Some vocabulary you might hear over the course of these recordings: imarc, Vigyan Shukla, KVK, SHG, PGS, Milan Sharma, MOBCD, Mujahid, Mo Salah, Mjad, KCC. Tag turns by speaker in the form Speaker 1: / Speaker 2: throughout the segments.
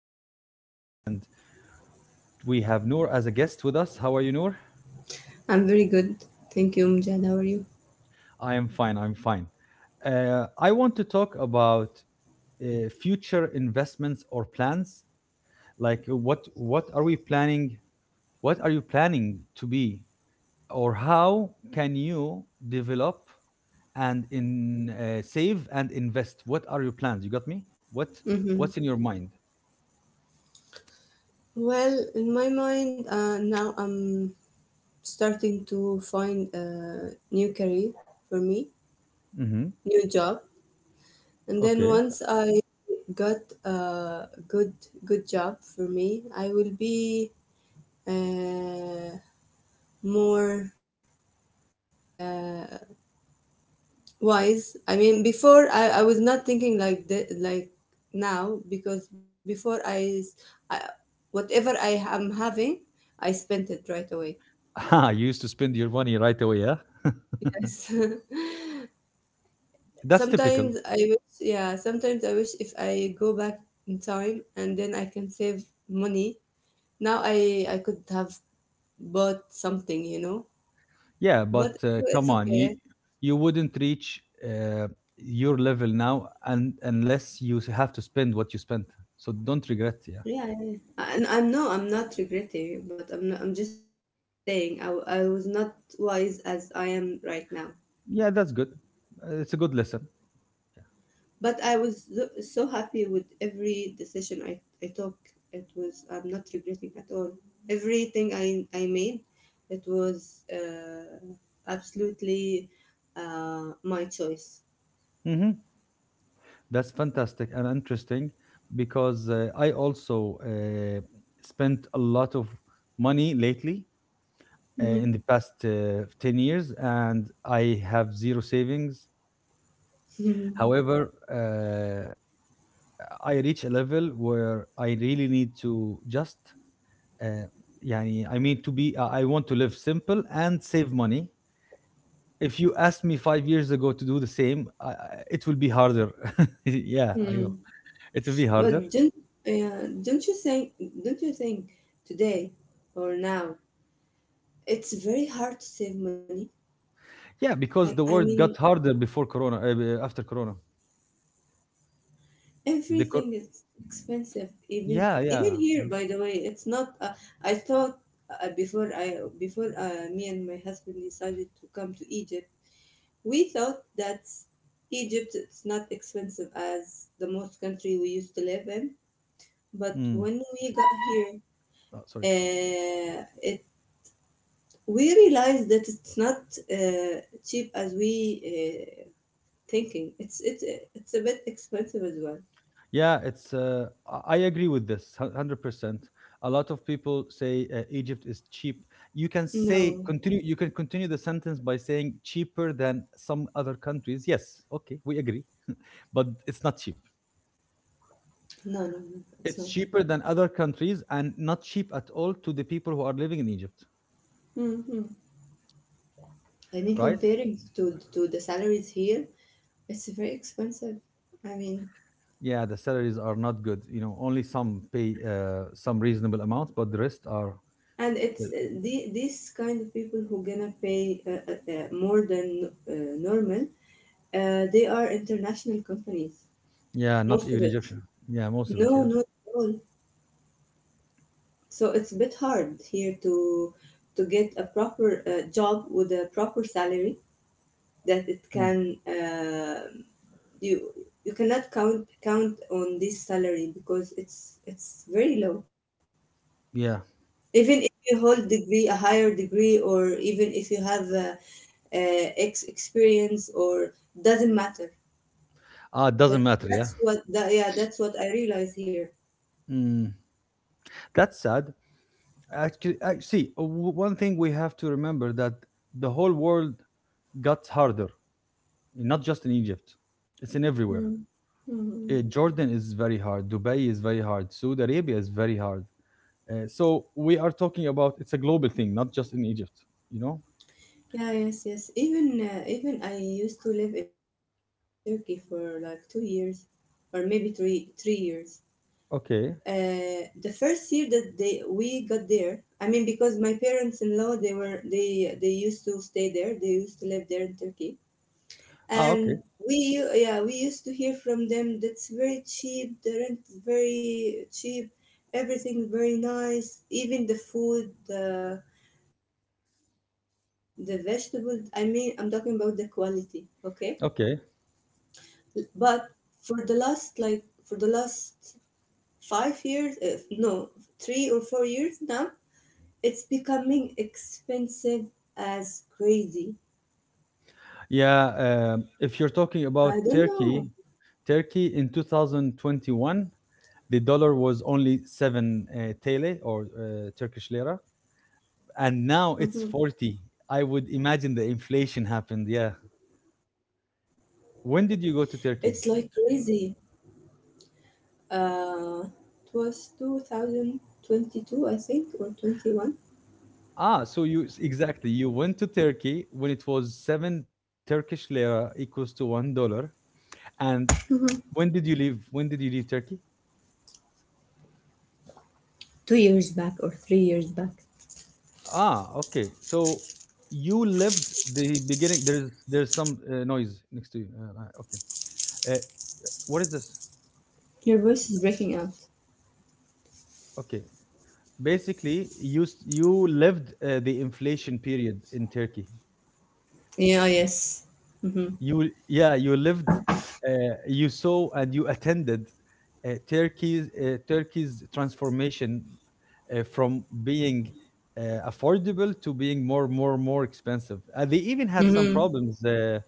Speaker 1: am the host today, and we have Noor as a guest with us. How are you, Noor?
Speaker 2: I'm very good. Thank you, Mjad. How are you?
Speaker 1: I am fine. I'm fine. I want to talk about future investments or plans. Like, what are we planning? What are you planning to be, or how can you develop and in save and invest? What are your plans? You got me. What
Speaker 2: hmm
Speaker 1: what's in your mind?
Speaker 2: Well, in my mind, now I'm starting to find a new career for me,
Speaker 1: Hmm.
Speaker 2: new job. And then
Speaker 1: Okay.
Speaker 2: once I got a good job for me, I will be uh, more uh, wise. I mean before, I was not thinking like that like now because before I, s- I- whatever I am having, I spent it right away.
Speaker 1: Ah, you used to spend your money right away, yeah?
Speaker 2: Yes.
Speaker 1: That's typical.
Speaker 2: Sometimes I wish, sometimes I wish if I go back in time and then I can save money, now I could have bought something.
Speaker 1: Yeah, but
Speaker 2: But it's
Speaker 1: come on, you
Speaker 2: okay.
Speaker 1: you wouldn't reach your level now, and unless have to spend what you spent. So don't regret. Yeah,
Speaker 2: Yeah, yeah, yeah. And I'm I'm not regretting, but I'm not, I'm just saying I was not wise as I am right now.
Speaker 1: yeah, that's good. It's a good lesson.
Speaker 2: But I was so, so happy with every decision I took. It was, I'm not regretting at all. Everything I made, it was absolutely my choice.
Speaker 1: Yeah. Mm-hmm. That's fantastic and interesting because I also spent a lot of money lately in
Speaker 2: Mhm.
Speaker 1: the past 10 years, and I have zero savings. However, I reach a level where I really need to just, uh, يعني, I mean, to be, I want to live simple and save money. If you asked me 5 years ago to do the same, it will be harder. Yeah, I know.
Speaker 2: Mm.
Speaker 1: It will be harder.
Speaker 2: But uh, don't you think don't you think today or now it's very hard to save money.
Speaker 1: Yeah,
Speaker 2: I
Speaker 1: because
Speaker 2: I
Speaker 1: the world
Speaker 2: mean
Speaker 1: got harder before Corona, after Corona. The cor-
Speaker 2: everything is expensive. Even
Speaker 1: yeah,
Speaker 2: even
Speaker 1: yeah.
Speaker 2: here, by the way, it's not. I thought, before I before me and my husband decided to come to Egypt, we thought that Egypt it's not expensive as the most country we used to live in. But
Speaker 1: Mm.
Speaker 2: when we got here,
Speaker 1: Oh, sorry.
Speaker 2: it we realized that it's not cheap as we uh, thinking. It's a bit expensive as well.
Speaker 1: Yeah, it's. I agree with this 100%. A lot of people say Egypt is cheap. You can say
Speaker 2: No.
Speaker 1: continue. You can continue the sentence by saying cheaper than some other countries. Yes, okay, we agree, but it's not cheap.
Speaker 2: No, no, no, it's
Speaker 1: It's
Speaker 2: not.
Speaker 1: cheaper than other countries and not cheap at all to the people who are living in Egypt,
Speaker 2: Mm-hmm. I mean,
Speaker 1: right?
Speaker 2: comparing to the salaries here, it's very expensive. I mean,
Speaker 1: Yeah, the salaries are not good. You know, only some pay some reasonable amounts, but the rest are,
Speaker 2: and
Speaker 1: uh,
Speaker 2: it's these kind of people who gonna pay more than normal. They are international companies,
Speaker 1: yeah, not
Speaker 2: most of
Speaker 1: even
Speaker 2: it.
Speaker 1: Egyptian. Yeah, most of it.
Speaker 2: No,
Speaker 1: Yeah.
Speaker 2: not at all. So it's a bit hard here to get a proper job with a proper salary that it
Speaker 1: Mm.
Speaker 2: can you you cannot count on this salary because it's very low.
Speaker 1: Yeah.
Speaker 2: Even if you hold degree a higher degree or even if you have ex experience or doesn't matter.
Speaker 1: Ah, it doesn't
Speaker 2: That
Speaker 1: matter. Yeah.
Speaker 2: that's what I realize here.
Speaker 1: Mm, that's sad. Actually, see, one thing we have to remember that the whole world got harder, not just in Egypt. It's in everywhere.
Speaker 2: Mm. Mm.
Speaker 1: Jordan is very hard. Dubai is very hard. Saudi Arabia is very hard. So we are talking about it's a global thing, not just in Egypt. You know?
Speaker 2: Yeah, yes, yes. Even I used to live in Turkey for like 2 years, or maybe three years.
Speaker 1: Okay.
Speaker 2: The first year that they we got there, I mean, because my parents in law they were they used to stay there they used to live there in Turkey,
Speaker 1: Ah, okay.
Speaker 2: and we u- yeah we used to hear from them that's very cheap, the rent is very cheap, everything very nice, even the food, the vegetable. I mean, I'm talking about the quality, okay?
Speaker 1: Okay.
Speaker 2: But for the last like for the last 5 years, no 3 or 4 years now, it's becoming expensive as crazy.
Speaker 1: Yeah. If you're talking
Speaker 2: I don't
Speaker 1: about
Speaker 2: know.
Speaker 1: Turkey, Turkey in 2021, the dollar was only seven TL or Turkish lira, and
Speaker 2: Hmm
Speaker 1: now it's 40. I would imagine the inflation happened, yeah. When did you
Speaker 2: It's
Speaker 1: go to
Speaker 2: like
Speaker 1: Turkey?
Speaker 2: crazy. It was 2022, I think, or 21.
Speaker 1: Ah, so exactly, you went to Turkey when it was 7 Turkish lira equals to 1 dollar. And
Speaker 2: Mhm.
Speaker 1: when did you leave Turkey?
Speaker 2: 2 years back or 3 years back.
Speaker 1: Ah, okay, so you lived the beginning. There's some noise next to you. Okay. uh,
Speaker 2: Your voice
Speaker 1: what
Speaker 2: is
Speaker 1: is this?
Speaker 2: breaking up.
Speaker 1: Okay. Basically, you lived the inflation period in Turkey.
Speaker 2: Yeah, yes. Mm-hmm.
Speaker 1: You yeah you lived, you saw and you attended Turkey's transformation, from being uh, affordable to being more expensive. They even had some
Speaker 2: Mm-hmm.
Speaker 1: problems,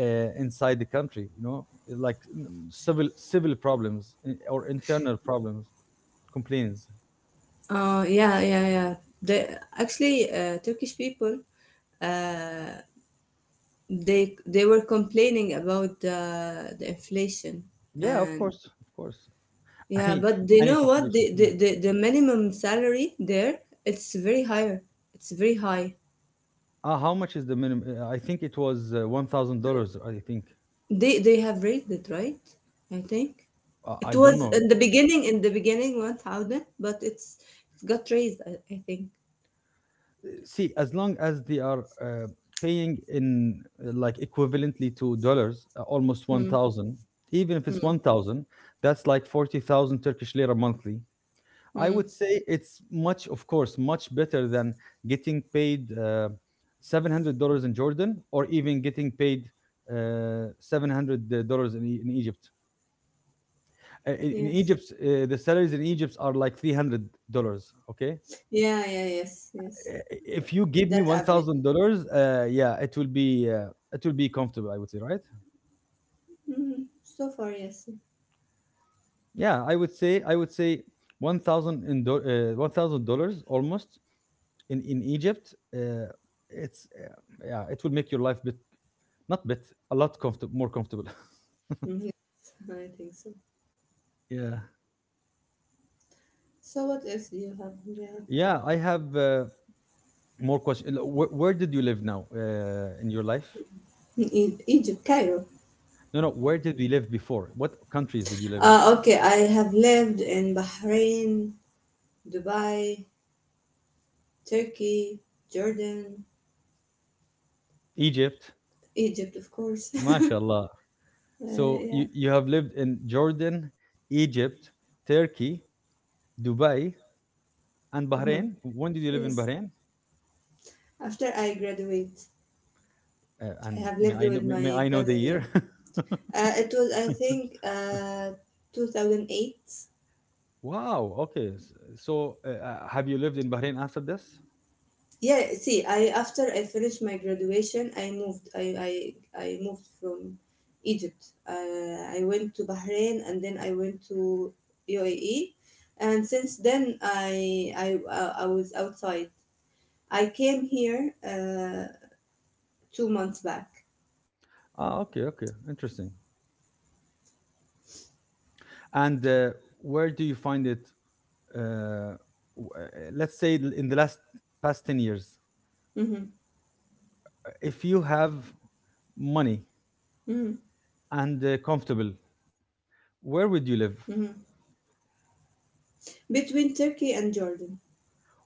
Speaker 1: uh, inside the country, like, civil problems, or internal problems, complaints.
Speaker 2: Yeah, yeah, yeah. The, Actually, Turkish people, uh, they were complaining about the inflation,
Speaker 1: Yeah, of
Speaker 2: and
Speaker 1: course, of course.
Speaker 2: yeah,
Speaker 1: any
Speaker 2: but they
Speaker 1: any
Speaker 2: know what?
Speaker 1: population,
Speaker 2: The,
Speaker 1: yeah.
Speaker 2: the, the, the minimum salary there, it's very higher. It's very high.
Speaker 1: How much is the minimum? I think it was $1,000, I think.
Speaker 2: They have raised it, right? I think.
Speaker 1: I
Speaker 2: It
Speaker 1: don't
Speaker 2: was
Speaker 1: know.
Speaker 2: in the beginning, 1000, but it's got raised, I think.
Speaker 1: See, as long as they are paying in, like, equivalently to dollars, almost
Speaker 2: Hmm.
Speaker 1: 1,000, even if it's 1,000, that's like 40,000 Turkish lira monthly. I
Speaker 2: Hmm.
Speaker 1: would say it's much, of course much better than getting paid $700 in Jordan, or even getting paid $700 in, in Egypt. In
Speaker 2: Yes.
Speaker 1: Egypt, the salaries in Egypt are like $300. Okay.
Speaker 2: Yeah, yeah, yes, yes.
Speaker 1: If you give me
Speaker 2: That
Speaker 1: one
Speaker 2: average.
Speaker 1: thousand dollars, yeah, it will be comfortable, I would say, right?
Speaker 2: Hmm So far, yes.
Speaker 1: Yeah, I would say 1,000 in $1,000 almost in Egypt. It's yeah, it will make your life bit not bit a lot comfortable, more comfortable.
Speaker 2: Mhm. Yes, I think so.
Speaker 1: Yeah,
Speaker 2: So what else do you have in the-
Speaker 1: yeah. I have more question. Where did you live now in your life?
Speaker 2: in Egypt, Cairo?
Speaker 1: No, no. Where did you live before? What countries did you live in?
Speaker 2: Okay, I have lived in Bahrain, Dubai, Turkey, Jordan,
Speaker 1: Egypt.
Speaker 2: Egypt, of course.
Speaker 1: MashaAllah. So
Speaker 2: Yeah.
Speaker 1: you have lived in Jordan, Egypt, Turkey, Dubai, and
Speaker 2: Uh-huh.
Speaker 1: Bahrain. When did you live in
Speaker 2: Yes.
Speaker 1: Bahrain?
Speaker 2: After I graduate, I
Speaker 1: And
Speaker 2: have
Speaker 1: may
Speaker 2: lived
Speaker 1: I
Speaker 2: with
Speaker 1: know, may
Speaker 2: my
Speaker 1: I know the
Speaker 2: cousin. Yeah.
Speaker 1: year?
Speaker 2: It was I think 2008.
Speaker 1: Wow. Okay. So have you lived in Bahrain after this?
Speaker 2: Yeah. See, I after I finished my graduation, I moved. I moved from Egypt. I went to Bahrain and then I went to UAE. And since then, I was outside. I came here 2 months back.
Speaker 1: Ah, okay. Okay. Interesting. And where do you find it? Uh, w- uh, let's say, in the last past 10 years,
Speaker 2: Hmm
Speaker 1: if you have money
Speaker 2: hmm
Speaker 1: and comfortable, where
Speaker 2: hmm
Speaker 1: would you live?
Speaker 2: Between Turkey and Jordan.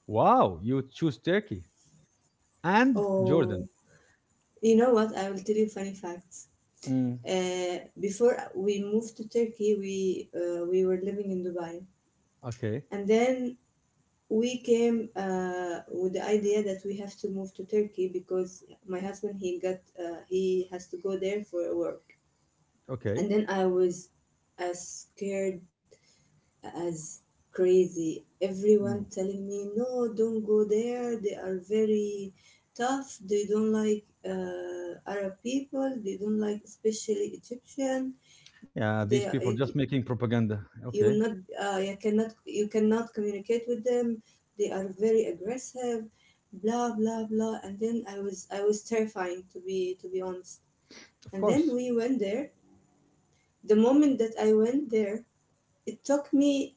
Speaker 1: Wow. You would choose Turkey. And
Speaker 2: Oh,
Speaker 1: Jordan.
Speaker 2: you know what? I will tell you funny facts.
Speaker 1: Mm.
Speaker 2: Before we moved to Turkey, we were living in Dubai,
Speaker 1: Okay,
Speaker 2: and then we came with the idea that we have to move to Turkey because my husband he has to go there for work,
Speaker 1: okay.
Speaker 2: and then I was as scared as crazy. Everyone
Speaker 1: Mm.
Speaker 2: telling me, no, don't go there. They are very tough. They don't like Arab people. They don't like especially Egyptian. They
Speaker 1: Yeah, these people
Speaker 2: you
Speaker 1: just
Speaker 2: will not
Speaker 1: making propaganda. Okay,
Speaker 2: you cannot communicate with them. They are very aggressive. Blah blah blah. And then I was terrifying, to be honest. And then
Speaker 1: of
Speaker 2: we
Speaker 1: course.
Speaker 2: went there. The moment that I went there, it took me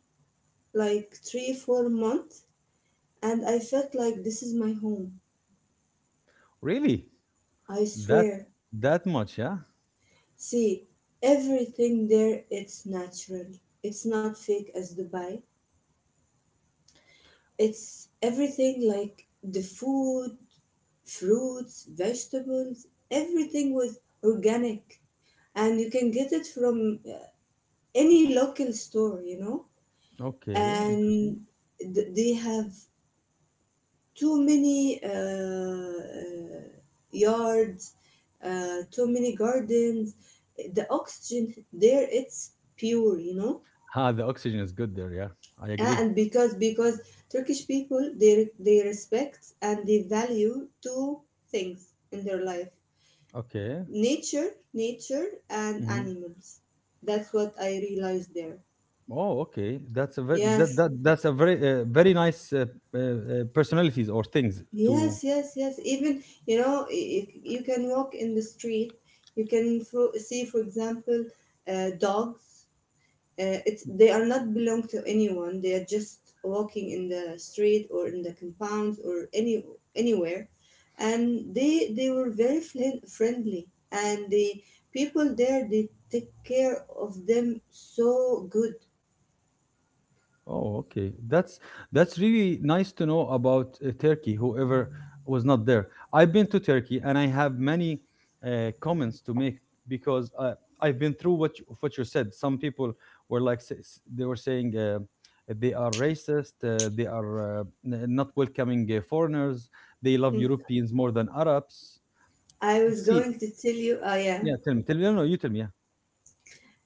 Speaker 2: like three, 4 months, and I felt like this is my home.
Speaker 1: Really,
Speaker 2: I
Speaker 1: that
Speaker 2: swear.
Speaker 1: that much? Yeah.
Speaker 2: See, everything there it's natural. It's not fake as Dubai. It's everything like the food, fruits, vegetables, everything was organic, and you can get it from any local store, you know.
Speaker 1: Okay, interesting.
Speaker 2: And they have too many yards, too many gardens. The oxygen there, it's pure, you know.
Speaker 1: Ah, the oxygen is good there. Yeah, I
Speaker 2: Ah,
Speaker 1: agree.
Speaker 2: and because Turkish people, they respect and they value two things in their life:
Speaker 1: Okay.
Speaker 2: nature, nature, and
Speaker 1: Hmm.
Speaker 2: animals. That's what I realized there.
Speaker 1: Oh, okay. That's a very that,
Speaker 2: Yes,
Speaker 1: that that's a very very nice, personalities or things to
Speaker 2: yes, yes, yes. Even, you know, you can walk in the street, you can see, for example, dogs. They are not belong to anyone. They are just walking in the street or in the compounds or anywhere, and they were very friendly. And the people there, they take care of them so good.
Speaker 1: Oh, okay. That's really nice to know about Turkey. Whoever was not there, I've been to Turkey, and I have many comments to make, because I've been through what you said. Some people were like, they were saying, they are racist, they are, not welcoming foreigners, they love
Speaker 2: Mm.
Speaker 1: Europeans more than Arabs.
Speaker 2: I was
Speaker 1: See,
Speaker 2: going to tell you, oh yeah,
Speaker 1: yeah, tell me, tell me. No, no, you tell me. Yeah.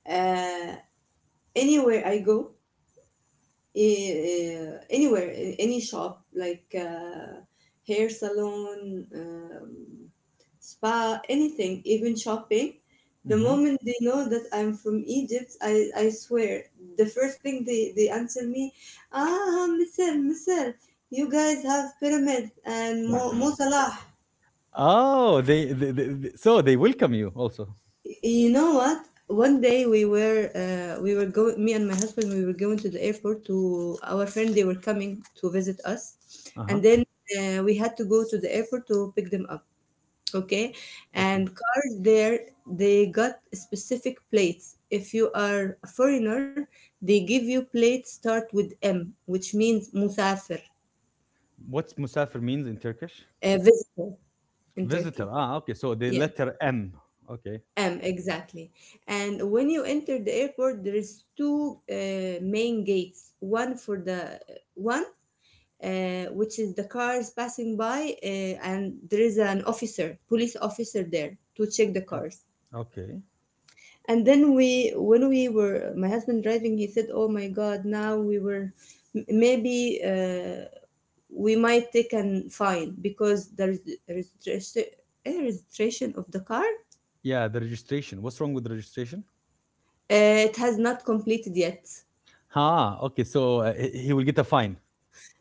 Speaker 2: uh, anywhere I go, anywhere in any shop like hair salon, spa, anything, even shopping, the
Speaker 1: Hmm.
Speaker 2: moment they know that I'm from Egypt, I swear, the first thing they answer me, ah, Misr, Misr, you guys have pyramids and Mo Salah.
Speaker 1: Oh, so they welcome you also.
Speaker 2: You know what? One day we were going, me and my husband, we were going to the airport to our friend, they were coming to visit us,
Speaker 1: Uh
Speaker 2: and
Speaker 1: huh.
Speaker 2: then we had to go to the airport to pick them up, okay? And
Speaker 1: Okay.
Speaker 2: cars there, they got specific plates. If you are a foreigner, they give you plates start with M, which means musafir,
Speaker 1: What's musafir means in Turkish?
Speaker 2: a visitor, in
Speaker 1: Visitor.
Speaker 2: Turkey.
Speaker 1: Ah, okay. So the
Speaker 2: Yeah.
Speaker 1: letter M. Okay.
Speaker 2: M, exactly. And when you enter the airport, there is two main gates. One which is the cars passing by, and there is an officer, police officer there to check the
Speaker 1: Oh,
Speaker 2: cars.
Speaker 1: okay.
Speaker 2: And then when we were, my husband driving, he said, "Oh my God! Now we were, maybe we might take an fine because there is registration, registration of the car.
Speaker 1: Yeah, the registration. What's wrong with the registration?
Speaker 2: It has not completed yet."
Speaker 1: Ah, okay. So he will get a fine.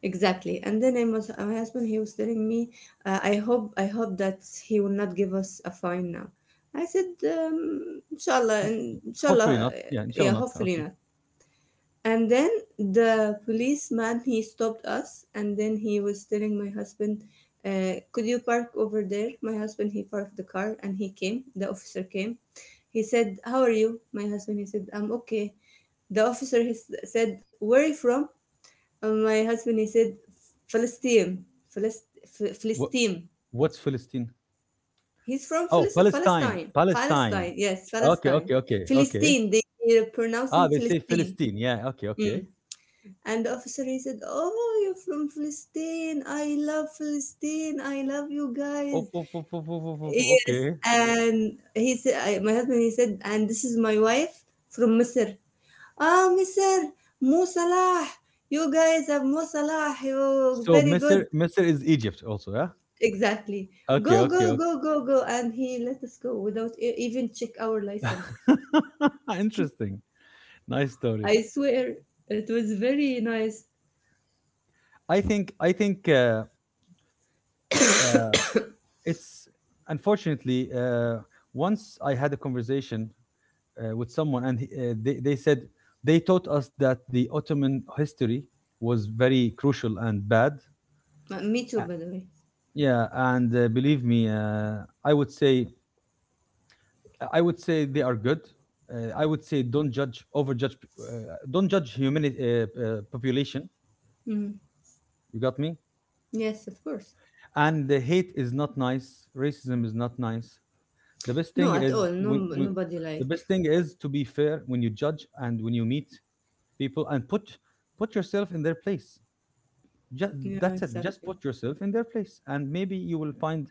Speaker 2: Exactly. And then I must, My husband, he was telling me, I hope that he will not give us a fine now. I said,
Speaker 1: Hopefully
Speaker 2: inshallah,
Speaker 1: not. Yeah, inshallah
Speaker 2: yeah,
Speaker 1: not.
Speaker 2: hopefully
Speaker 1: Okay.
Speaker 2: not. And then the policeman, he stopped us, and then he was telling my husband, could you park over there? My husband, he parked the car, and the officer came. He said, how are you? My husband, he said, I'm okay. The officer said, where are you from? My husband, he said, Palestine,
Speaker 1: What
Speaker 2: Palestine.
Speaker 1: what's Philistine?
Speaker 2: He's from
Speaker 1: Oh, Palestine.
Speaker 2: Palestine. Palestine,
Speaker 1: Palestine.
Speaker 2: yes,
Speaker 1: Okay,
Speaker 2: Palestine.
Speaker 1: okay, okay, okay.
Speaker 2: Philistine, they pronounce
Speaker 1: Ah,
Speaker 2: in
Speaker 1: they say
Speaker 2: Philistine.
Speaker 1: Philistine. Yeah, okay, okay.
Speaker 2: Mm. And the officer, he said, oh, you're from Philistine. I love Philistine. I love you
Speaker 1: Oh,
Speaker 2: guys.
Speaker 1: oh, oh, oh, oh, oh, oh, oh,
Speaker 2: Yes.
Speaker 1: okay.
Speaker 2: And he said, my husband, he said, and this is my wife from Misr. Ah, Misr, Mo Salah. You guys have Mo Salah. You're
Speaker 1: So
Speaker 2: very good.
Speaker 1: Misr Misr is Egypt also, yeah?
Speaker 2: Exactly.
Speaker 1: Okay,
Speaker 2: Go,
Speaker 1: okay,
Speaker 2: go,
Speaker 1: okay.
Speaker 2: go, go, go. And he let us go without even check our license.
Speaker 1: Interesting. Nice story.
Speaker 2: I swear, it was very nice.
Speaker 1: I think uh, it's, unfortunately, once I had a conversation with someone, and they said they taught us that the Ottoman history was very crucial and bad.
Speaker 2: Me
Speaker 1: Uh,
Speaker 2: too, by the way.
Speaker 1: yeah, and believe me, I would say I would say they are good. I would say, don't judge humanity, population.
Speaker 2: Mm.
Speaker 1: You got me?
Speaker 2: Yes, of course.
Speaker 1: And the hate is not nice. Racism is not nice. the best thing
Speaker 2: No, at
Speaker 1: is
Speaker 2: all. No,
Speaker 1: when, when
Speaker 2: nobody
Speaker 1: the best
Speaker 2: like.
Speaker 1: thing is to be fair when you judge and when you meet people, and put yourself in their place. Just
Speaker 2: Yeah,
Speaker 1: that's it, just put
Speaker 2: exactly.
Speaker 1: yourself in their place, and maybe you will find,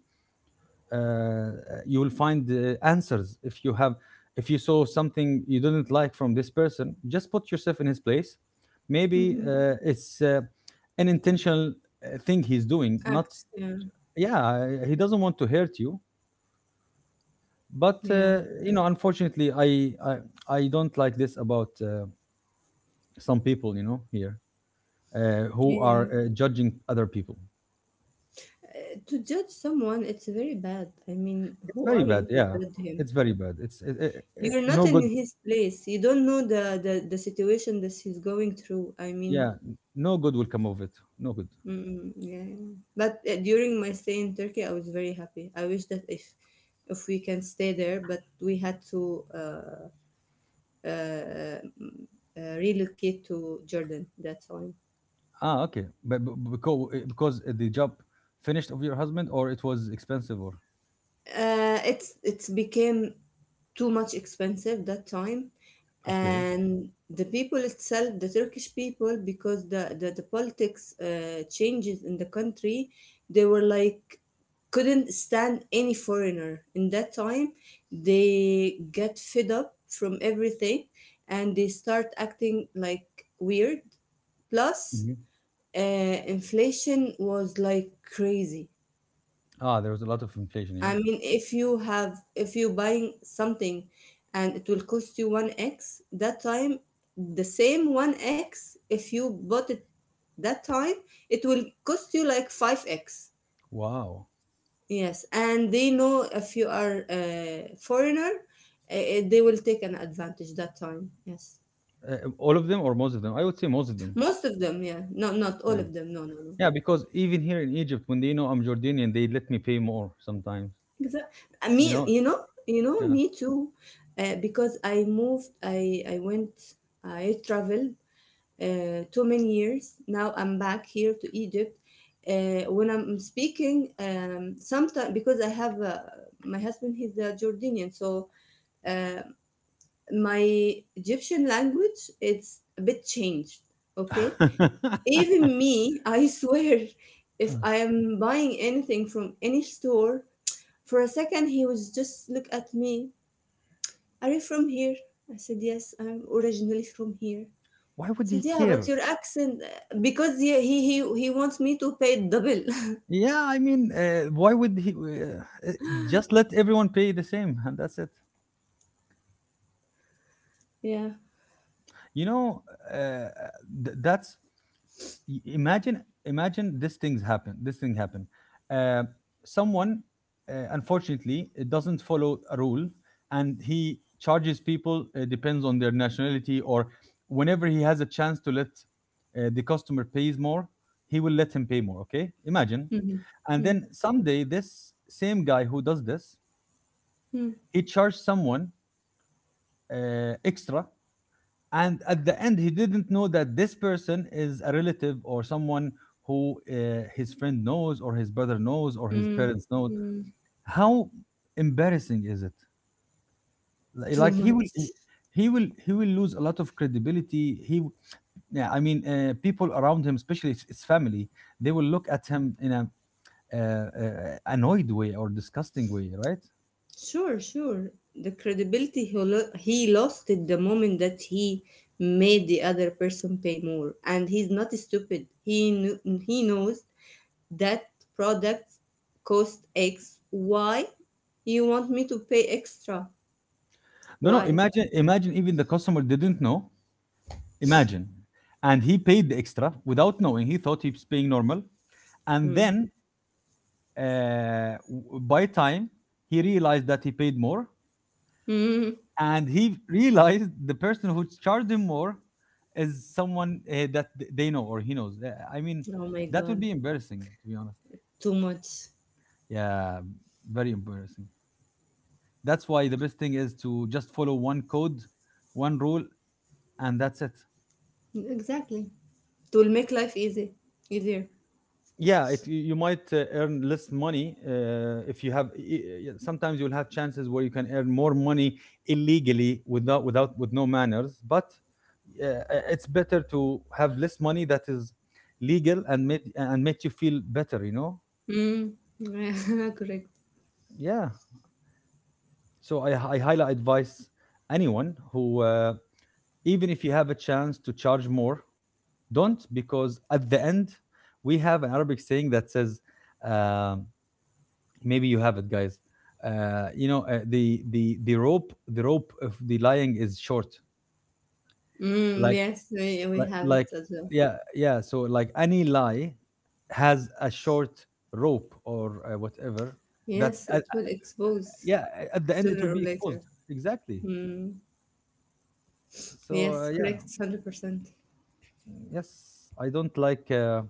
Speaker 1: uh, you will find, answers. If you have if you saw something you didn't like from this person, just put yourself in his place. Maybe
Speaker 2: Mm-hmm.
Speaker 1: it's, an intentional thing he's doing, not,
Speaker 2: Acts. Yeah,
Speaker 1: yeah, he doesn't want to hurt you. But
Speaker 2: yeah,
Speaker 1: you know, unfortunately, I don't like this about some people, here, who
Speaker 2: yeah.
Speaker 1: are judging other people.
Speaker 2: To judge someone, it's very bad. I mean,
Speaker 1: It's
Speaker 2: who
Speaker 1: very
Speaker 2: are
Speaker 1: bad,
Speaker 2: you to
Speaker 1: yeah.
Speaker 2: judge him?
Speaker 1: It's very bad. It's it, it, it,
Speaker 2: You're not
Speaker 1: No
Speaker 2: in
Speaker 1: good.
Speaker 2: his place. You don't know the situation that he's going through. I mean,
Speaker 1: Yeah, no good will come of it. No good.
Speaker 2: mm, yeah, yeah. But during my stay in Turkey, I was very happy. I wish that if we can stay there, but we had to uh, mm, relocate to Jordan. That's why.
Speaker 1: Ah, okay, but because the job finished of your husband, or it was expensive, or
Speaker 2: It's became too much expensive that time,
Speaker 1: okay.
Speaker 2: and the people itself, the Turkish people, because the politics changes in the country. They were like couldn't stand any foreigner in that time. They get fed up from everything and they start acting like weird. Plus
Speaker 1: Mhm.
Speaker 2: uh, inflation was like crazy.
Speaker 1: Ah, there was a lot of inflation, yeah.
Speaker 2: I mean, if you buying something and it will cost you 1x that time, the same 1x, if you bought it that time, it will cost you like 5x.
Speaker 1: Wow.
Speaker 2: Yes. And they know if you are a foreigner, they will take an advantage that time. Yes.
Speaker 1: All of them or most of them. I would say most of them.
Speaker 2: Most of them, yeah. No, not all
Speaker 1: Yeah.
Speaker 2: of them. No, no, no.
Speaker 1: Yeah, because even here in Egypt, when they know I'm Jordanian, they let me pay more sometimes.
Speaker 2: Exactly.
Speaker 1: You
Speaker 2: Me,
Speaker 1: know?
Speaker 2: you know,
Speaker 1: Yeah.
Speaker 2: me too. Because I moved, I went, I traveled too many years. Now I'm back here to Egypt. When I'm speaking, sometimes because I have my husband, he's a Jordanian, so uh, my Egyptian language it's a bit changed. Okay, even me, I swear, if I am buying anything from any store, for a second he was just look at me. Are you from here? I said yes, I'm originally from here.
Speaker 1: Why would he
Speaker 2: Said, "Yeah, but
Speaker 1: care?
Speaker 2: your accent, because he wants me to pay double."
Speaker 1: Yeah, I mean, why would he? Uh, just let everyone pay the same, and that's it.
Speaker 2: Yeah.
Speaker 1: You know, uh, th- that's imagine this things happen, this thing happen uh, someone, unfortunately, it doesn't follow a rule, and he charges people, depends on their nationality, or whenever he has a chance to let the customer pays more, he will let him pay more. Okay, imagine.
Speaker 2: Mhm.
Speaker 1: And
Speaker 2: Mm.
Speaker 1: then someday, this same guy who does this,
Speaker 2: Mm.
Speaker 1: he charged someone extra, and at the end he didn't know that this person is a relative or someone who his friend knows, or his brother knows, or his
Speaker 2: Mm.
Speaker 1: parents knows.
Speaker 2: Mm.
Speaker 1: How embarrassing is it?
Speaker 2: Too
Speaker 1: Like,
Speaker 2: much.
Speaker 1: he will lose a lot of credibility. Yeah, I mean, people around him, especially his family, they will look at him in a, uh, uh, annoyed way or disgusting way, right?
Speaker 2: Sure, sure. The credibility he, he lost it the moment that he made the other person pay more. And he's not stupid. He he knows that products cost X. Why you want me to pay extra?
Speaker 1: No, no,
Speaker 2: Why?
Speaker 1: imagine, imagine, even the customer didn't know. Imagine. And he paid the extra without knowing. He thought he was paying normal. And
Speaker 2: Mm.
Speaker 1: then, by time, he realized that he paid more.
Speaker 2: Mm.
Speaker 1: And he realized the person who charged him more is someone they know or he knows. I mean,
Speaker 2: Oh my
Speaker 1: that would
Speaker 2: god,
Speaker 1: be embarrassing, to be honest.
Speaker 2: too much.
Speaker 1: Yeah, very embarrassing. That's why the best thing is to just follow one code, one rule, and that's it.
Speaker 2: Exactly. It will make life easy, easier.
Speaker 1: Yeah, it you you might earn less money if you have sometimes you'll have chances where you can earn more money illegally with no manners, but it's better to have less money that is legal and make you feel better, you know.
Speaker 2: Mm. Correct.
Speaker 1: Yeah, so I highly advise anyone who, even if you have a chance to charge more, don't, because at the end we have an Arabic saying that says, um, maybe you have it, guys. The rope of the lying is short.
Speaker 2: Mm,
Speaker 1: like
Speaker 2: yes, we
Speaker 1: like,
Speaker 2: have it
Speaker 1: like
Speaker 2: as well.
Speaker 1: yeah, yeah, so, like, any lie has a short rope, or whatever. That
Speaker 2: Yes, it will expose
Speaker 1: Yeah, at the end it will
Speaker 2: sooner or
Speaker 1: be exposed.
Speaker 2: later.
Speaker 1: Exactly.
Speaker 2: Mm.
Speaker 1: So,
Speaker 2: Yes,
Speaker 1: yeah.
Speaker 2: correct, 100%.
Speaker 1: Yes. I don't like,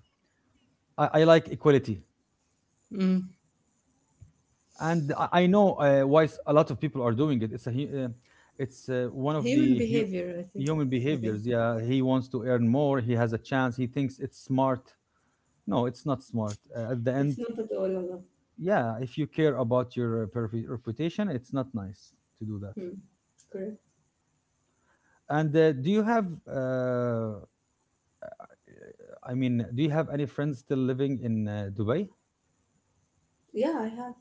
Speaker 1: I like equality.
Speaker 2: Mm.
Speaker 1: And I know a lot of people are doing it. It's one of
Speaker 2: Human
Speaker 1: the
Speaker 2: behavior, I think.
Speaker 1: human
Speaker 2: I think
Speaker 1: behaviors. Yeah, he wants to earn more. He has a chance. He thinks it's smart. No, it's not smart. At the
Speaker 2: it's
Speaker 1: end,
Speaker 2: not at all allowed.
Speaker 1: yeah, if you care about your reputation, it's not nice to do that.
Speaker 2: Mm. Correct.
Speaker 1: And do you have? I mean, do you have any friends still living in Dubai?
Speaker 2: Yeah, I have.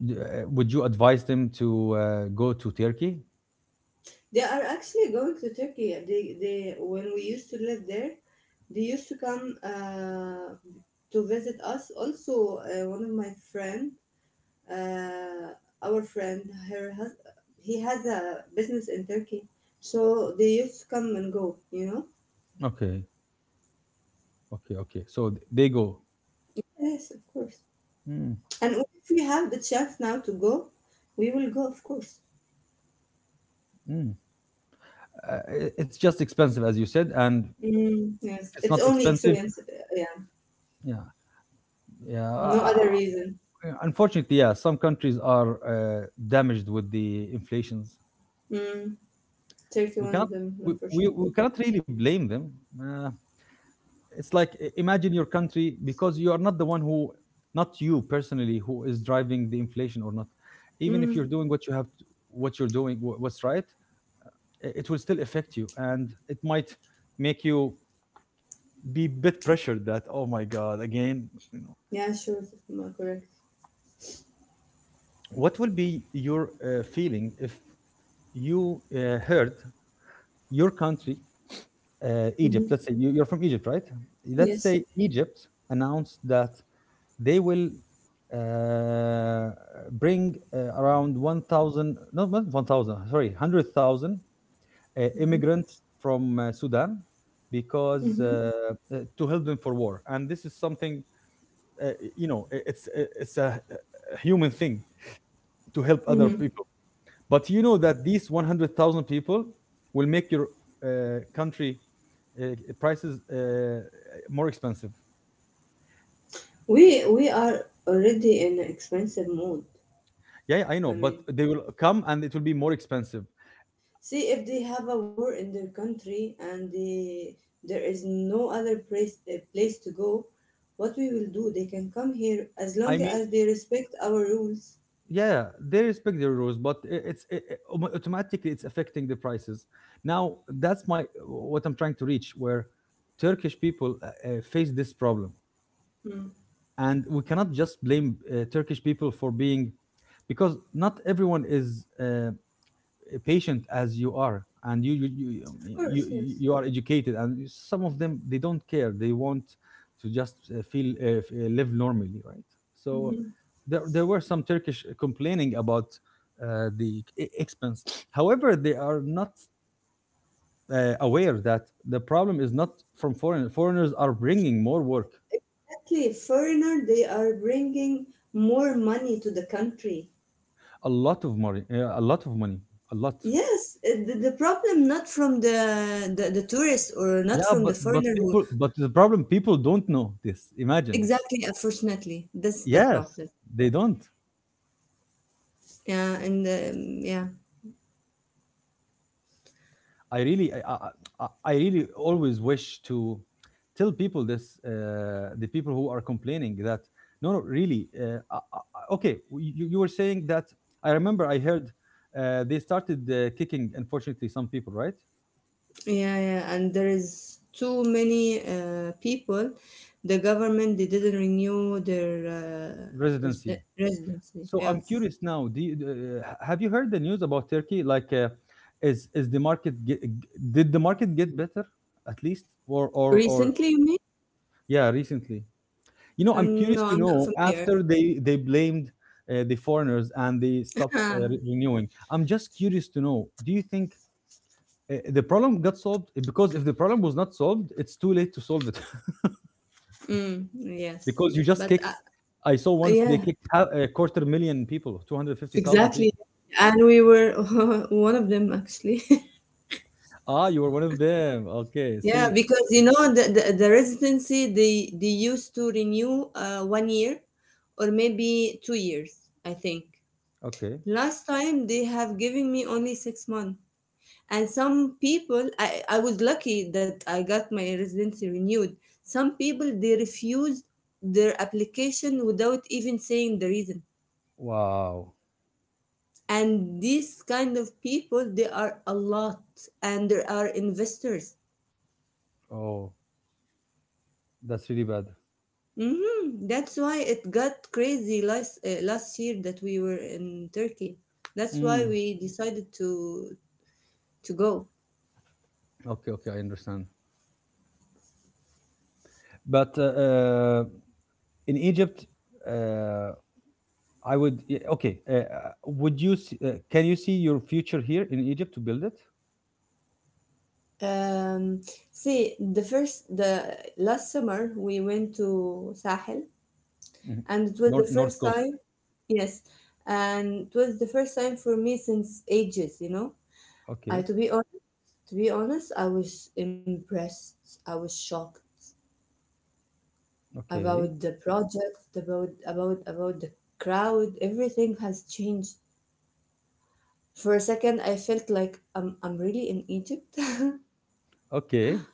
Speaker 1: Would you advise them to go to Turkey?
Speaker 2: They are actually going to Turkey. They when we used to live there, they used to come to visit us. Also, one of my friend, uh, our friend, her hus- he has a business in Turkey, so they used to come and go. You know.
Speaker 1: Okay, okay, okay. So they go.
Speaker 2: Yes, of course.
Speaker 1: Mm.
Speaker 2: And if we have the chance now to go, we will go, of course.
Speaker 1: Mm. uh, it's just expensive, as you said, and
Speaker 2: Mm, yes,
Speaker 1: if it's
Speaker 2: it's
Speaker 1: not
Speaker 2: only
Speaker 1: expensive.
Speaker 2: expensive. Yeah,
Speaker 1: Yeah, yeah,
Speaker 2: no other reason.
Speaker 1: unfortunately, yeah, some countries are damaged with the inflations.
Speaker 2: Mm, Turkey,
Speaker 1: we
Speaker 2: one
Speaker 1: cannot
Speaker 2: of them,
Speaker 1: we, we, we
Speaker 2: unfortunately.
Speaker 1: cannot really blame them. uh, it's like, imagine your country, because you are not the one who, not you personally, who is driving the inflation or not, even if
Speaker 2: Mm.
Speaker 1: you're doing what you have to, what you're doing, what's right, it will still affect you, and it might make you be a bit pressured that, oh my god, again.
Speaker 2: Yeah, sure. Correct.
Speaker 1: What will be your feeling if you heard your country, Egypt?
Speaker 2: Hmm.
Speaker 1: Let's say you're from Egypt, right? Let's
Speaker 2: Yes.
Speaker 1: say Egypt announced that they will uh, bring around 1,000, not 1,000, sorry, 100,000
Speaker 2: Hmm.
Speaker 1: immigrants from Sudan, because
Speaker 2: Hmm.
Speaker 1: to help them for war. And this is something, it's a human thing to help other
Speaker 2: Hmm.
Speaker 1: people. But you know that these 100,000 people will make your country uh, prices more expensive.
Speaker 2: We are already in an expensive mode.
Speaker 1: Yeah, yeah, I know,
Speaker 2: I
Speaker 1: but
Speaker 2: mean,
Speaker 1: they will come and it will be more expensive.
Speaker 2: see if they have a war in their country and there is no other place to go, what we will do? They can come here as
Speaker 1: I
Speaker 2: long
Speaker 1: mean,
Speaker 2: as they respect our rules.
Speaker 1: yeah, they respect the rules, but I- it's I- autom- automatically it's affecting the prices. Now, that's my what I'm trying to reach, where Turkish people face this problem,
Speaker 2: Mm.
Speaker 1: and we cannot just blame Turkish people for being, because not everyone is. Uh, Patient as you are, and you you you,
Speaker 2: Of course,
Speaker 1: you, you
Speaker 2: yes.
Speaker 1: you are educated, and some of them, they don't care, they want to just live normally, right? So,
Speaker 2: Mhm.
Speaker 1: there were some Turkish complaining about the expense, however they are not aware that the problem is not from foreigners are bringing more work.
Speaker 2: Exactly. Foreigner, they are bringing more money to the country.
Speaker 1: A lot of money, a lot of money, a lot.
Speaker 2: Yes, the problem not from the tourist or not
Speaker 1: Yeah,
Speaker 2: from the
Speaker 1: but
Speaker 2: foreigner who
Speaker 1: people, but the problem, people don't know this. Imagine.
Speaker 2: exactly unfortunately that's the
Speaker 1: Yes,
Speaker 2: problem.
Speaker 1: they don't.
Speaker 2: Yeah, and yeah,
Speaker 1: I really, I, I, I really always wish to tell people this, the people who are complaining that... No, no, really. Okay, you were saying that. I remember I heard they started kicking, unfortunately, some people, right?
Speaker 2: yeah, yeah, and there is too many people. The government they didn't renew their
Speaker 1: Residency.
Speaker 2: residency.
Speaker 1: So I'm
Speaker 2: Yes,
Speaker 1: curious now. Have you heard the news about Turkey? Like, is the market ge- did the market get better, at least, or?
Speaker 2: recently you mean?
Speaker 1: Yeah, recently? You know, I'm curious
Speaker 2: No,
Speaker 1: to
Speaker 2: I'm not
Speaker 1: know
Speaker 2: familiar.
Speaker 1: after they blamed the foreigners and they stopped
Speaker 2: Ah,
Speaker 1: renewing. I'm just curious to know. Do you think the problem got solved? Because if the problem was not solved, it's too late to solve it.
Speaker 2: mm, yes,
Speaker 1: Because you just
Speaker 2: but
Speaker 1: kicked. I saw once they
Speaker 2: yeah,
Speaker 1: kicked, a quarter million people, 250,000
Speaker 2: exactly.
Speaker 1: people.
Speaker 2: And we were one of them actually.
Speaker 1: Ah, you were one of them. Okay,
Speaker 2: Yeah,
Speaker 1: see.
Speaker 2: because you know the residency they used to renew 1 year or maybe 2 years, I think.
Speaker 1: Okay.
Speaker 2: Last time they have given me only 6 months. And some people I was lucky that I got my residency renewed. Some people they refused their application without even saying the reason.
Speaker 1: Wow.
Speaker 2: And these kind of people they are a lot, and there are investors.
Speaker 1: Oh, that's really bad.
Speaker 2: Hmm. That's why it got crazy last last year that we were in Turkey. That's why
Speaker 1: Mm.
Speaker 2: we decided to go.
Speaker 1: Okay, okay, I understand. But in Egypt, uh, Okay. Can you see your future here in Egypt to build it?
Speaker 2: Um, See, the last summer we went to Sahel,
Speaker 1: Mhm.
Speaker 2: and it was the
Speaker 1: North
Speaker 2: first
Speaker 1: Coast.
Speaker 2: time. Yes, and it was the first time for me since ages. You know, I
Speaker 1: Okay.
Speaker 2: to be honest, I was impressed. I was shocked about
Speaker 1: Okay.
Speaker 2: the project, about about the crowd. Everything has changed. For a second, I felt like I'm really in Egypt.
Speaker 1: Okay.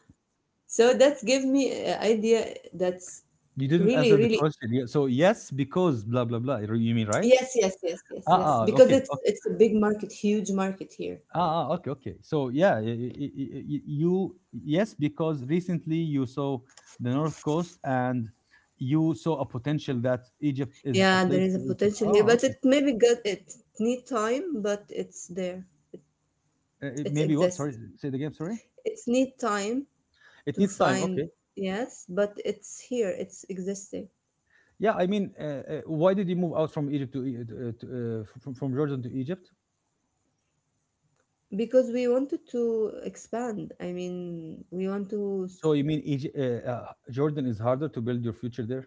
Speaker 2: So that gave me an idea that's
Speaker 1: You didn't
Speaker 2: really,
Speaker 1: answer the
Speaker 2: really,
Speaker 1: question. Yeah. So, yes, because blah blah blah. You mean, right?
Speaker 2: yes, yes, yes, yes,
Speaker 1: Ah,
Speaker 2: yes,
Speaker 1: ah.
Speaker 2: because
Speaker 1: Okay. Okay.
Speaker 2: it's a big market, huge market here.
Speaker 1: Ah, ah. Okay. Okay. So, yeah, you. Yes, because recently you saw the North Coast, and you saw a potential that Egypt is a
Speaker 2: Yeah, there
Speaker 1: place
Speaker 2: is a
Speaker 1: where you can.
Speaker 2: potential here,
Speaker 1: Oh,
Speaker 2: but
Speaker 1: okay.
Speaker 2: it maybe got it need time, but it's there. It's
Speaker 1: Maybe what? Sorry.
Speaker 2: exists.
Speaker 1: Say the game. Sorry.
Speaker 2: It's need time
Speaker 1: It
Speaker 2: to
Speaker 1: needs time.
Speaker 2: find,
Speaker 1: Okay.
Speaker 2: yes, but it's here. It's existing.
Speaker 1: Yeah, I mean, why did you move out from Egypt to, E- to from Jordan to Egypt?
Speaker 2: Because we wanted to expand. I mean, we want to
Speaker 1: So you mean, Egypt, Jordan is harder to build your future there?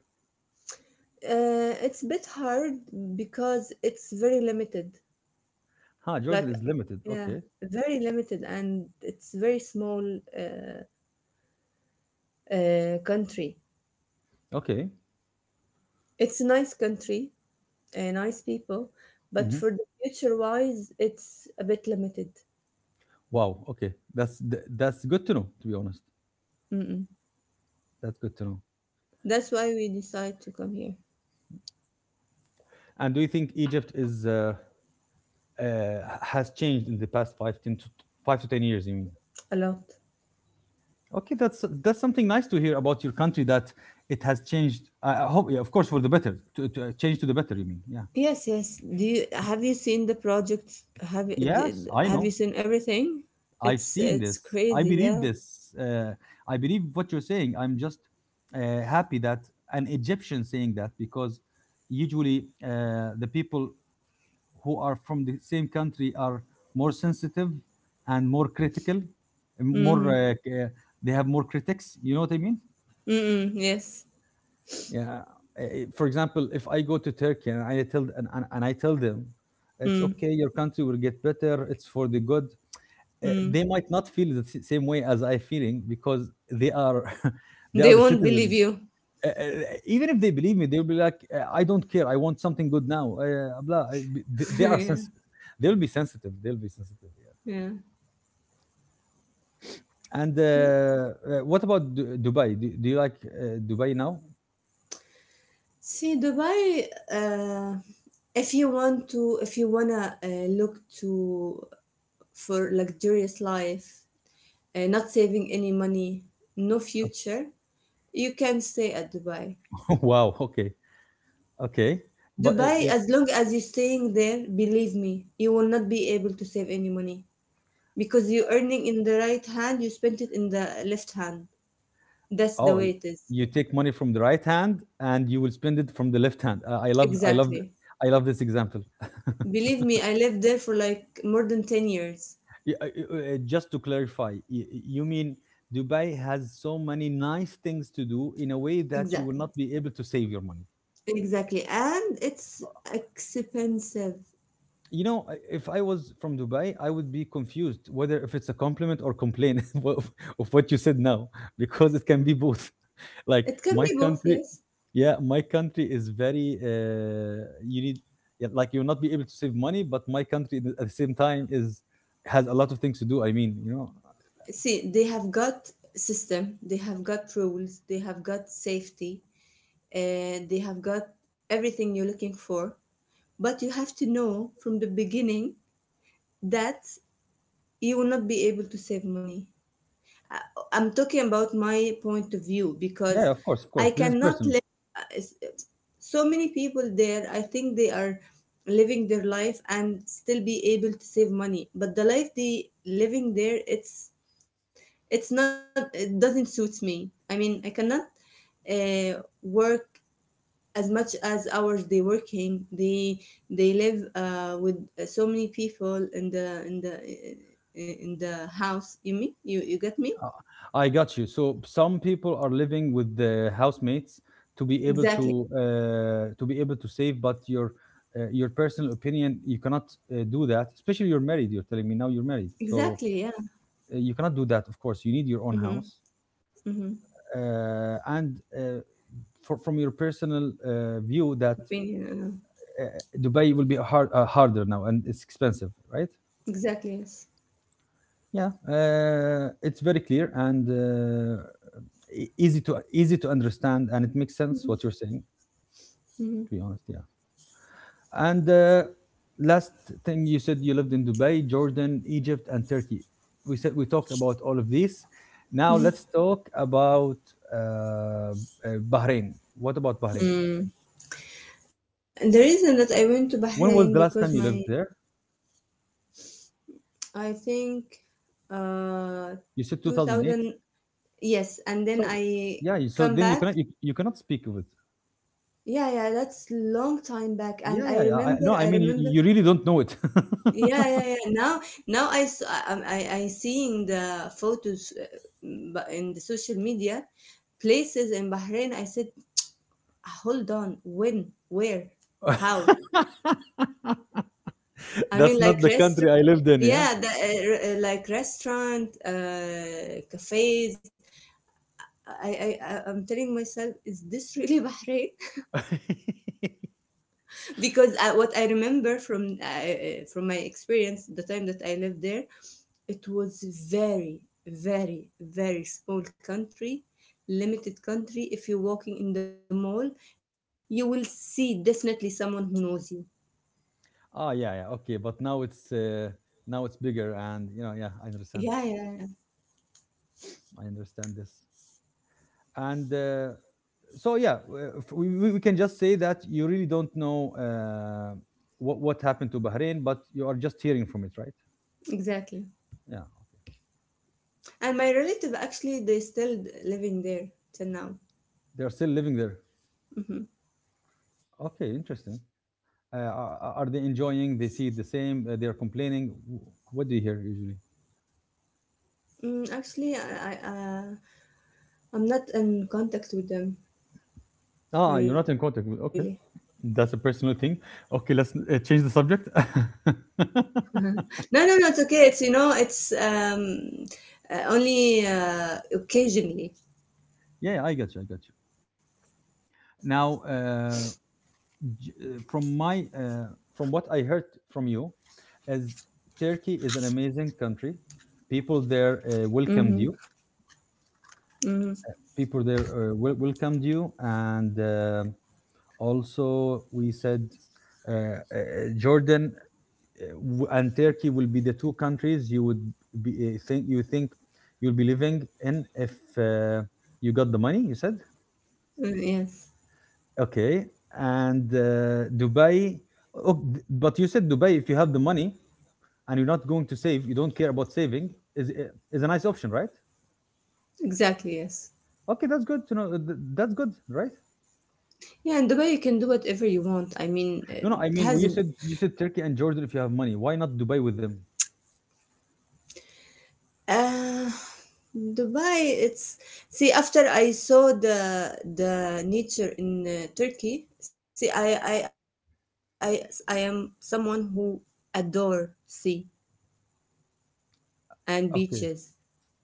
Speaker 2: it's a bit hard because it's very limited.
Speaker 1: Huh, Jordan
Speaker 2: Like
Speaker 1: is limited.
Speaker 2: yeah,
Speaker 1: Okay,
Speaker 2: very limited, and it's very small uh, country.
Speaker 1: okay.
Speaker 2: It's a nice country, nice people, but
Speaker 1: Hmm.
Speaker 2: for the future wise it's a bit limited.
Speaker 1: Wow. Okay, that's good to know. To be honest,
Speaker 2: Mm-mm.
Speaker 1: that's good to know.
Speaker 2: That's why we decide to come here.
Speaker 1: And do you think Egypt is, uh, has changed in the past five, 10 to 5 to 10 years? You mean?
Speaker 2: A lot.
Speaker 1: Okay, that's something nice to hear about your country, that it has changed. I hope, yeah, of course, for the better. To change to the better, you mean? Yeah.
Speaker 2: Yes, yes. Do you have you seen the projects? Have you
Speaker 1: Yes, I
Speaker 2: have you
Speaker 1: know.
Speaker 2: seen everything?
Speaker 1: I've seen
Speaker 2: It's
Speaker 1: this. I
Speaker 2: crazy,
Speaker 1: believe
Speaker 2: yeah.
Speaker 1: this. I believe what you're saying. I'm just happy that an Egyptian saying that, because usually the people who are from the same country are more sensitive and more critical, more
Speaker 2: Mm-hmm.
Speaker 1: they have more critics. You know what I mean?
Speaker 2: Mm-mm, yes.
Speaker 1: Yeah. Uh, For example, if I go to Turkey and I tell, and I tell them, it's
Speaker 2: Mm,
Speaker 1: okay, your country will get better. It's for the good. They
Speaker 2: mm.
Speaker 1: might not feel the same way as I feeling, because they are they are
Speaker 2: They
Speaker 1: the
Speaker 2: won't believe
Speaker 1: citizen.
Speaker 2: you.
Speaker 1: Uh, uh, Even if they believe me, they'll be like, "I don't care. I want something good now." Blah. They are
Speaker 2: Yeah,
Speaker 1: sensitive. They'll be sensitive. They'll be sensitive.
Speaker 2: yeah.
Speaker 1: Yeah. And
Speaker 2: No.
Speaker 1: what about Dubai? Do you like Dubai now?
Speaker 2: See, Dubai. If you want to, if you wanna look to for luxurious life, not saving any money, no future, you can stay at Dubai.
Speaker 1: Wow. Okay. Okay. But
Speaker 2: Dubai,
Speaker 1: yeah.
Speaker 2: as long as you're staying there, believe me, you will not be able to save any money because you're earning in the right hand, you spent it in the left hand. That's the
Speaker 1: Oh,
Speaker 2: way it is.
Speaker 1: you take money from the right hand and you will spend it from the left hand. I love. I love.
Speaker 2: Exactly.
Speaker 1: I love this example.
Speaker 2: Believe me, I lived there for like more than 10 years.
Speaker 1: Yeah, just to clarify, you mean Dubai has so many nice things to do in a way that you will
Speaker 2: Exactly.
Speaker 1: not be able to save your money.
Speaker 2: Exactly. And it's expensive.
Speaker 1: You know, if I was from Dubai, I would be confused whether if it's a compliment or complaint of of what you said now, because it can be both. Like,
Speaker 2: It can
Speaker 1: my
Speaker 2: be both,
Speaker 1: country,
Speaker 2: yes.
Speaker 1: yeah, my country is very. You need, yeah, like, you'll not be able to save money, but my country at the same time is has a lot of things to do. I mean, you know.
Speaker 2: See, they have got system, they have got rules, they have got safety, they have got everything you're looking for. But you have to know from the beginning that you will not be able to save money. I, I'm talking about my point of view
Speaker 1: Yeah,
Speaker 2: because
Speaker 1: of course,
Speaker 2: I
Speaker 1: this is
Speaker 2: cannot
Speaker 1: personal.
Speaker 2: let uh, so many people there. I think they are living their life and still be able to save money, but the life they living there, it's not, it doesn't suit me. I mean, I cannot work as much as hours they working, they live with so many people in the house, you mean, you get me?
Speaker 1: Uh, I got you. So, some people are living with the housemates to be able
Speaker 2: Exactly,
Speaker 1: to be able to save, but your, your personal opinion, you cannot do that. Especially, you're married. You're telling me now you're married, so
Speaker 2: exactly, yeah.
Speaker 1: you cannot do that. Of course, you need your own
Speaker 2: Mm-hmm.
Speaker 1: house,
Speaker 2: Mm-hmm.
Speaker 1: and uh, from your personal view, that
Speaker 2: Opinion,
Speaker 1: Dubai will be harder now, and it's expensive, right?
Speaker 2: exactly, yes.
Speaker 1: Yeah, it's very clear and easy to understand, and it makes sense what you're saying. To be
Speaker 2: Mm-hmm.
Speaker 1: honest, yeah. And last thing you said, you lived in Dubai, Jordan, Egypt, and Turkey. We said we talked about all of these. Now let's talk about uh, uh, Bahrain. What about Bahrain?
Speaker 2: Mm. And the reason that I went to
Speaker 1: When was
Speaker 2: Bahrain
Speaker 1: the last
Speaker 2: because
Speaker 1: time you lived
Speaker 2: my
Speaker 1: there?
Speaker 2: I think uh
Speaker 1: You said 2008.
Speaker 2: 2000, yes, and
Speaker 1: So
Speaker 2: then I
Speaker 1: yeah, so
Speaker 2: come
Speaker 1: then
Speaker 2: back.
Speaker 1: you cannot speak of it.
Speaker 2: Yeah, yeah, that's long time back,
Speaker 1: Yeah,
Speaker 2: and I
Speaker 1: yeah, yeah.
Speaker 2: remember,
Speaker 1: No, I
Speaker 2: I
Speaker 1: mean,
Speaker 2: remember.
Speaker 1: you really don't know it.
Speaker 2: Yeah, yeah, yeah. Now, now I s- I I'm- I seeing the photos but in the social media places in Bahrain. I said, hold on, when, where, how? I
Speaker 1: That's
Speaker 2: mean,
Speaker 1: not
Speaker 2: like
Speaker 1: the country
Speaker 2: restaurant.
Speaker 1: I lived in, yeah?
Speaker 2: Yeah, the, like restaurant, cafes. I, I'm telling myself, is this really Bahrain? Because I, what I remember from my experience, the time that I lived there, it was very, very, very small country, limited country. If you're walking in the mall, you will see definitely someone who knows you.
Speaker 1: Ah, yeah, yeah, okay, but now it's bigger, and you know, yeah,
Speaker 2: Yeah, yeah, yeah,
Speaker 1: I understand this, and so yeah, we can just say that you really don't know what happened to Bahrain, but you are just hearing from it, right?
Speaker 2: exactly.
Speaker 1: Yeah,
Speaker 2: And my relative actually, they still living there till now.
Speaker 1: they are still living there.
Speaker 2: Hmm.
Speaker 1: Okay, interesting. Are they enjoying? They see it the same. They are complaining. What do you hear usually?
Speaker 2: Mm, actually, I'm not in contact with them
Speaker 1: Ah, you're not
Speaker 2: really.
Speaker 1: in contact with. Okay, that's a personal thing. Okay, let's change the subject.
Speaker 2: Uh-huh. No, no, no, it's okay. It's you know, it's only occasionally.
Speaker 1: Yeah, I got you. I got you. Now, j- uh, from my from what I heard from you, as Turkey is an amazing country. People there
Speaker 2: Mm-hmm.
Speaker 1: welcomed you.
Speaker 2: Mm-hmm.
Speaker 1: People there welcomed you, and also we said uh, uh, Jordan and Turkey will be the two countries you would be think you think you'll be living in if uh, you got the money. You said
Speaker 2: Yes.
Speaker 1: okay, and Dubai. Oh, but you said Dubai. If you have the money and you're not going to save, you don't care about saving. Is is a nice option, right?
Speaker 2: Exactly, yes.
Speaker 1: Okay, that's good to know. That's good, right?
Speaker 2: Yeah, in Dubai you can do whatever you want. I mean,
Speaker 1: No, no.
Speaker 2: it
Speaker 1: I mean,
Speaker 2: has a
Speaker 1: you said Turkey and Jordan. If you have money, why not Dubai with them?
Speaker 2: uh, Dubai. It's see after I saw the nature in Turkey. See, I I am someone who adore sea and beaches
Speaker 1: Okay,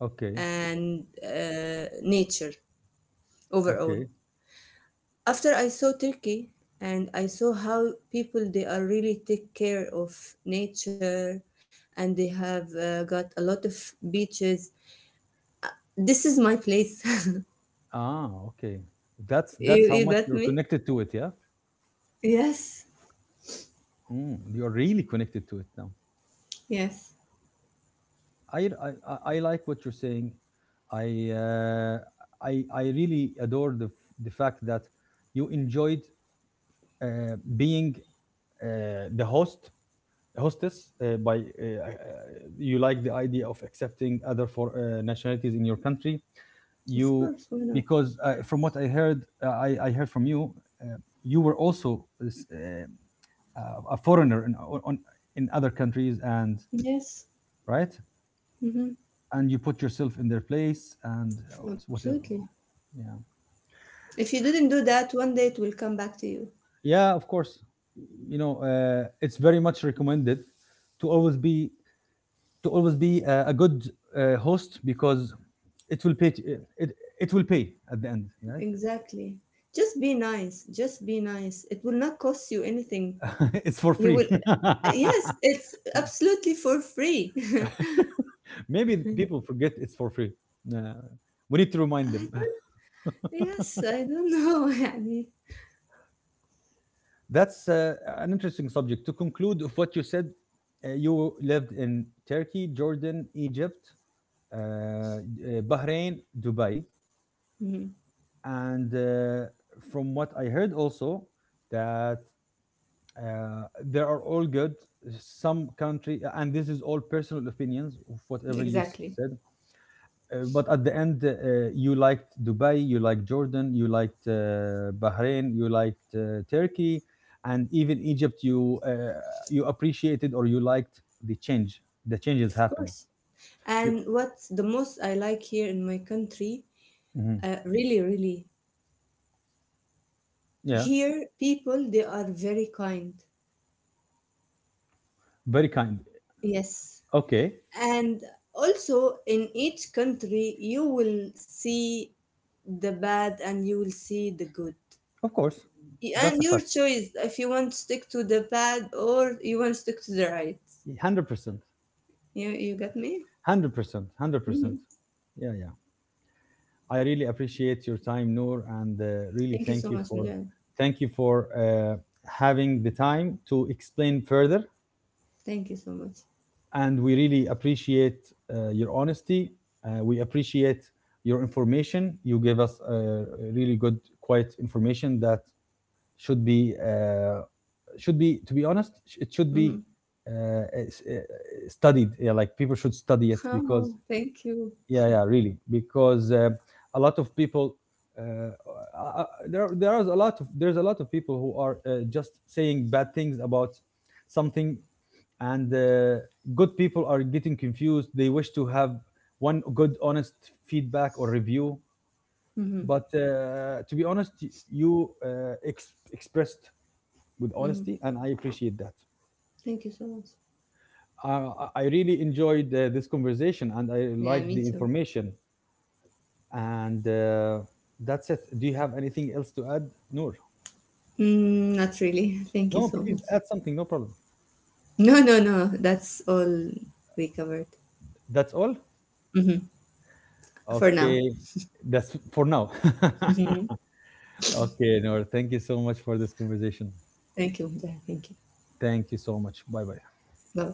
Speaker 1: okay,
Speaker 2: nature overall.
Speaker 1: okay.
Speaker 2: After I saw Turkey and I saw how people they are really take care of nature, and they have got a lot of beaches. This is my place.
Speaker 1: Ah, okay. That's
Speaker 2: you,
Speaker 1: how
Speaker 2: you
Speaker 1: much
Speaker 2: got
Speaker 1: you're
Speaker 2: me?
Speaker 1: connected to it, yeah?
Speaker 2: Yes,
Speaker 1: Mm, you're really connected to it now.
Speaker 2: yes,
Speaker 1: I like what you're saying. I, uh, I really adore the, the fact that you enjoyed being the host, hostess you like the idea of accepting other for nationalities in your country.
Speaker 2: of
Speaker 1: You,
Speaker 2: course. Why not?
Speaker 1: because from what I heard, I heard from you, uh, you were also a foreigner on, in other countries and,
Speaker 2: Yes,
Speaker 1: right?
Speaker 2: mm-hmm.
Speaker 1: And you put yourself in their place and whatever.
Speaker 2: Absolutely.
Speaker 1: Yeah,
Speaker 2: If you didn't do that, one day it will come back to you.
Speaker 1: yeah, of course. You know, it's very much recommended to always be to always be a good host because it will pay. It will pay at the end. Yes,
Speaker 2: Exactly. Just be nice. Just be nice. It will not cost you anything.
Speaker 1: it's for
Speaker 2: You
Speaker 1: free.
Speaker 2: will, yes, it's absolutely for free.
Speaker 1: Maybe people forget it's for free. Uh, we need to
Speaker 2: I
Speaker 1: remind them.
Speaker 2: don't, yes, I don't know. يعني,
Speaker 1: That's an interesting subject. To conclude of what you said, you lived in Turkey, Jordan, Egypt, uh, uh, Bahrain, Dubai,
Speaker 2: mhm.
Speaker 1: and from what I heard also that they are all good. Some country, and this is all personal opinions of whatever you
Speaker 2: Exactly.
Speaker 1: said. But at the end, you liked Dubai, you liked Jordan, you liked Bahrain, you liked Turkey, and even Egypt. You you appreciated or you liked the change. The changes
Speaker 2: Of
Speaker 1: happened.
Speaker 2: course.
Speaker 1: You,
Speaker 2: And what's the most I like here in my country,
Speaker 1: mhm,
Speaker 2: really, really,
Speaker 1: yeah,
Speaker 2: here people, they are very kind.
Speaker 1: very kind.
Speaker 2: Yes.
Speaker 1: Okay,
Speaker 2: And also in each country, you will see the bad and you will see the good.
Speaker 1: of course, that's
Speaker 2: And
Speaker 1: a
Speaker 2: your
Speaker 1: fact.
Speaker 2: choice if you want to stick to the bad or you want to stick to the right.
Speaker 1: 100%,
Speaker 2: You get me?
Speaker 1: 100%, 100%.
Speaker 2: Mhm.
Speaker 1: Yeah, yeah. I really appreciate your time, Noor, and really
Speaker 2: Thank you so much, Mujahid.
Speaker 1: thank you for having the time to explain further
Speaker 2: Thank you so much.
Speaker 1: and we really appreciate your honesty. We appreciate your information. You gave us really good, quite information that should be uh, should be, to be honest, it should
Speaker 2: Hmm.
Speaker 1: be uh, uh, studied. Yeah, like people should study it because
Speaker 2: Oh, thank you.
Speaker 1: yeah, yeah, really, because a lot of people. Uh, there are a lot of people who are just saying bad things about something and good people are getting confused. They wish to have one good honest feedback or review,
Speaker 2: Hmm.
Speaker 1: but to be honest, you expressed with
Speaker 2: Hmm.
Speaker 1: honesty, and I appreciate that.
Speaker 2: Thank you so much.
Speaker 1: I really enjoyed this conversation, and I
Speaker 2: Yeah,
Speaker 1: like the
Speaker 2: me too.
Speaker 1: information, and that's it. Do you have anything else to add, Noor?
Speaker 2: Mm, not really. Thank you
Speaker 1: No,
Speaker 2: so
Speaker 1: please
Speaker 2: much.
Speaker 1: add something, no problem.
Speaker 2: No, no, no. That's all we covered.
Speaker 1: That's all.
Speaker 2: Hmm. For now.
Speaker 1: Okay, that's for now.
Speaker 2: Hmm.
Speaker 1: Okay, Noor, thank you so much for this conversation.
Speaker 2: Thank you. Yeah, thank you.
Speaker 1: Thank you so much. Bye bye.
Speaker 2: Bye.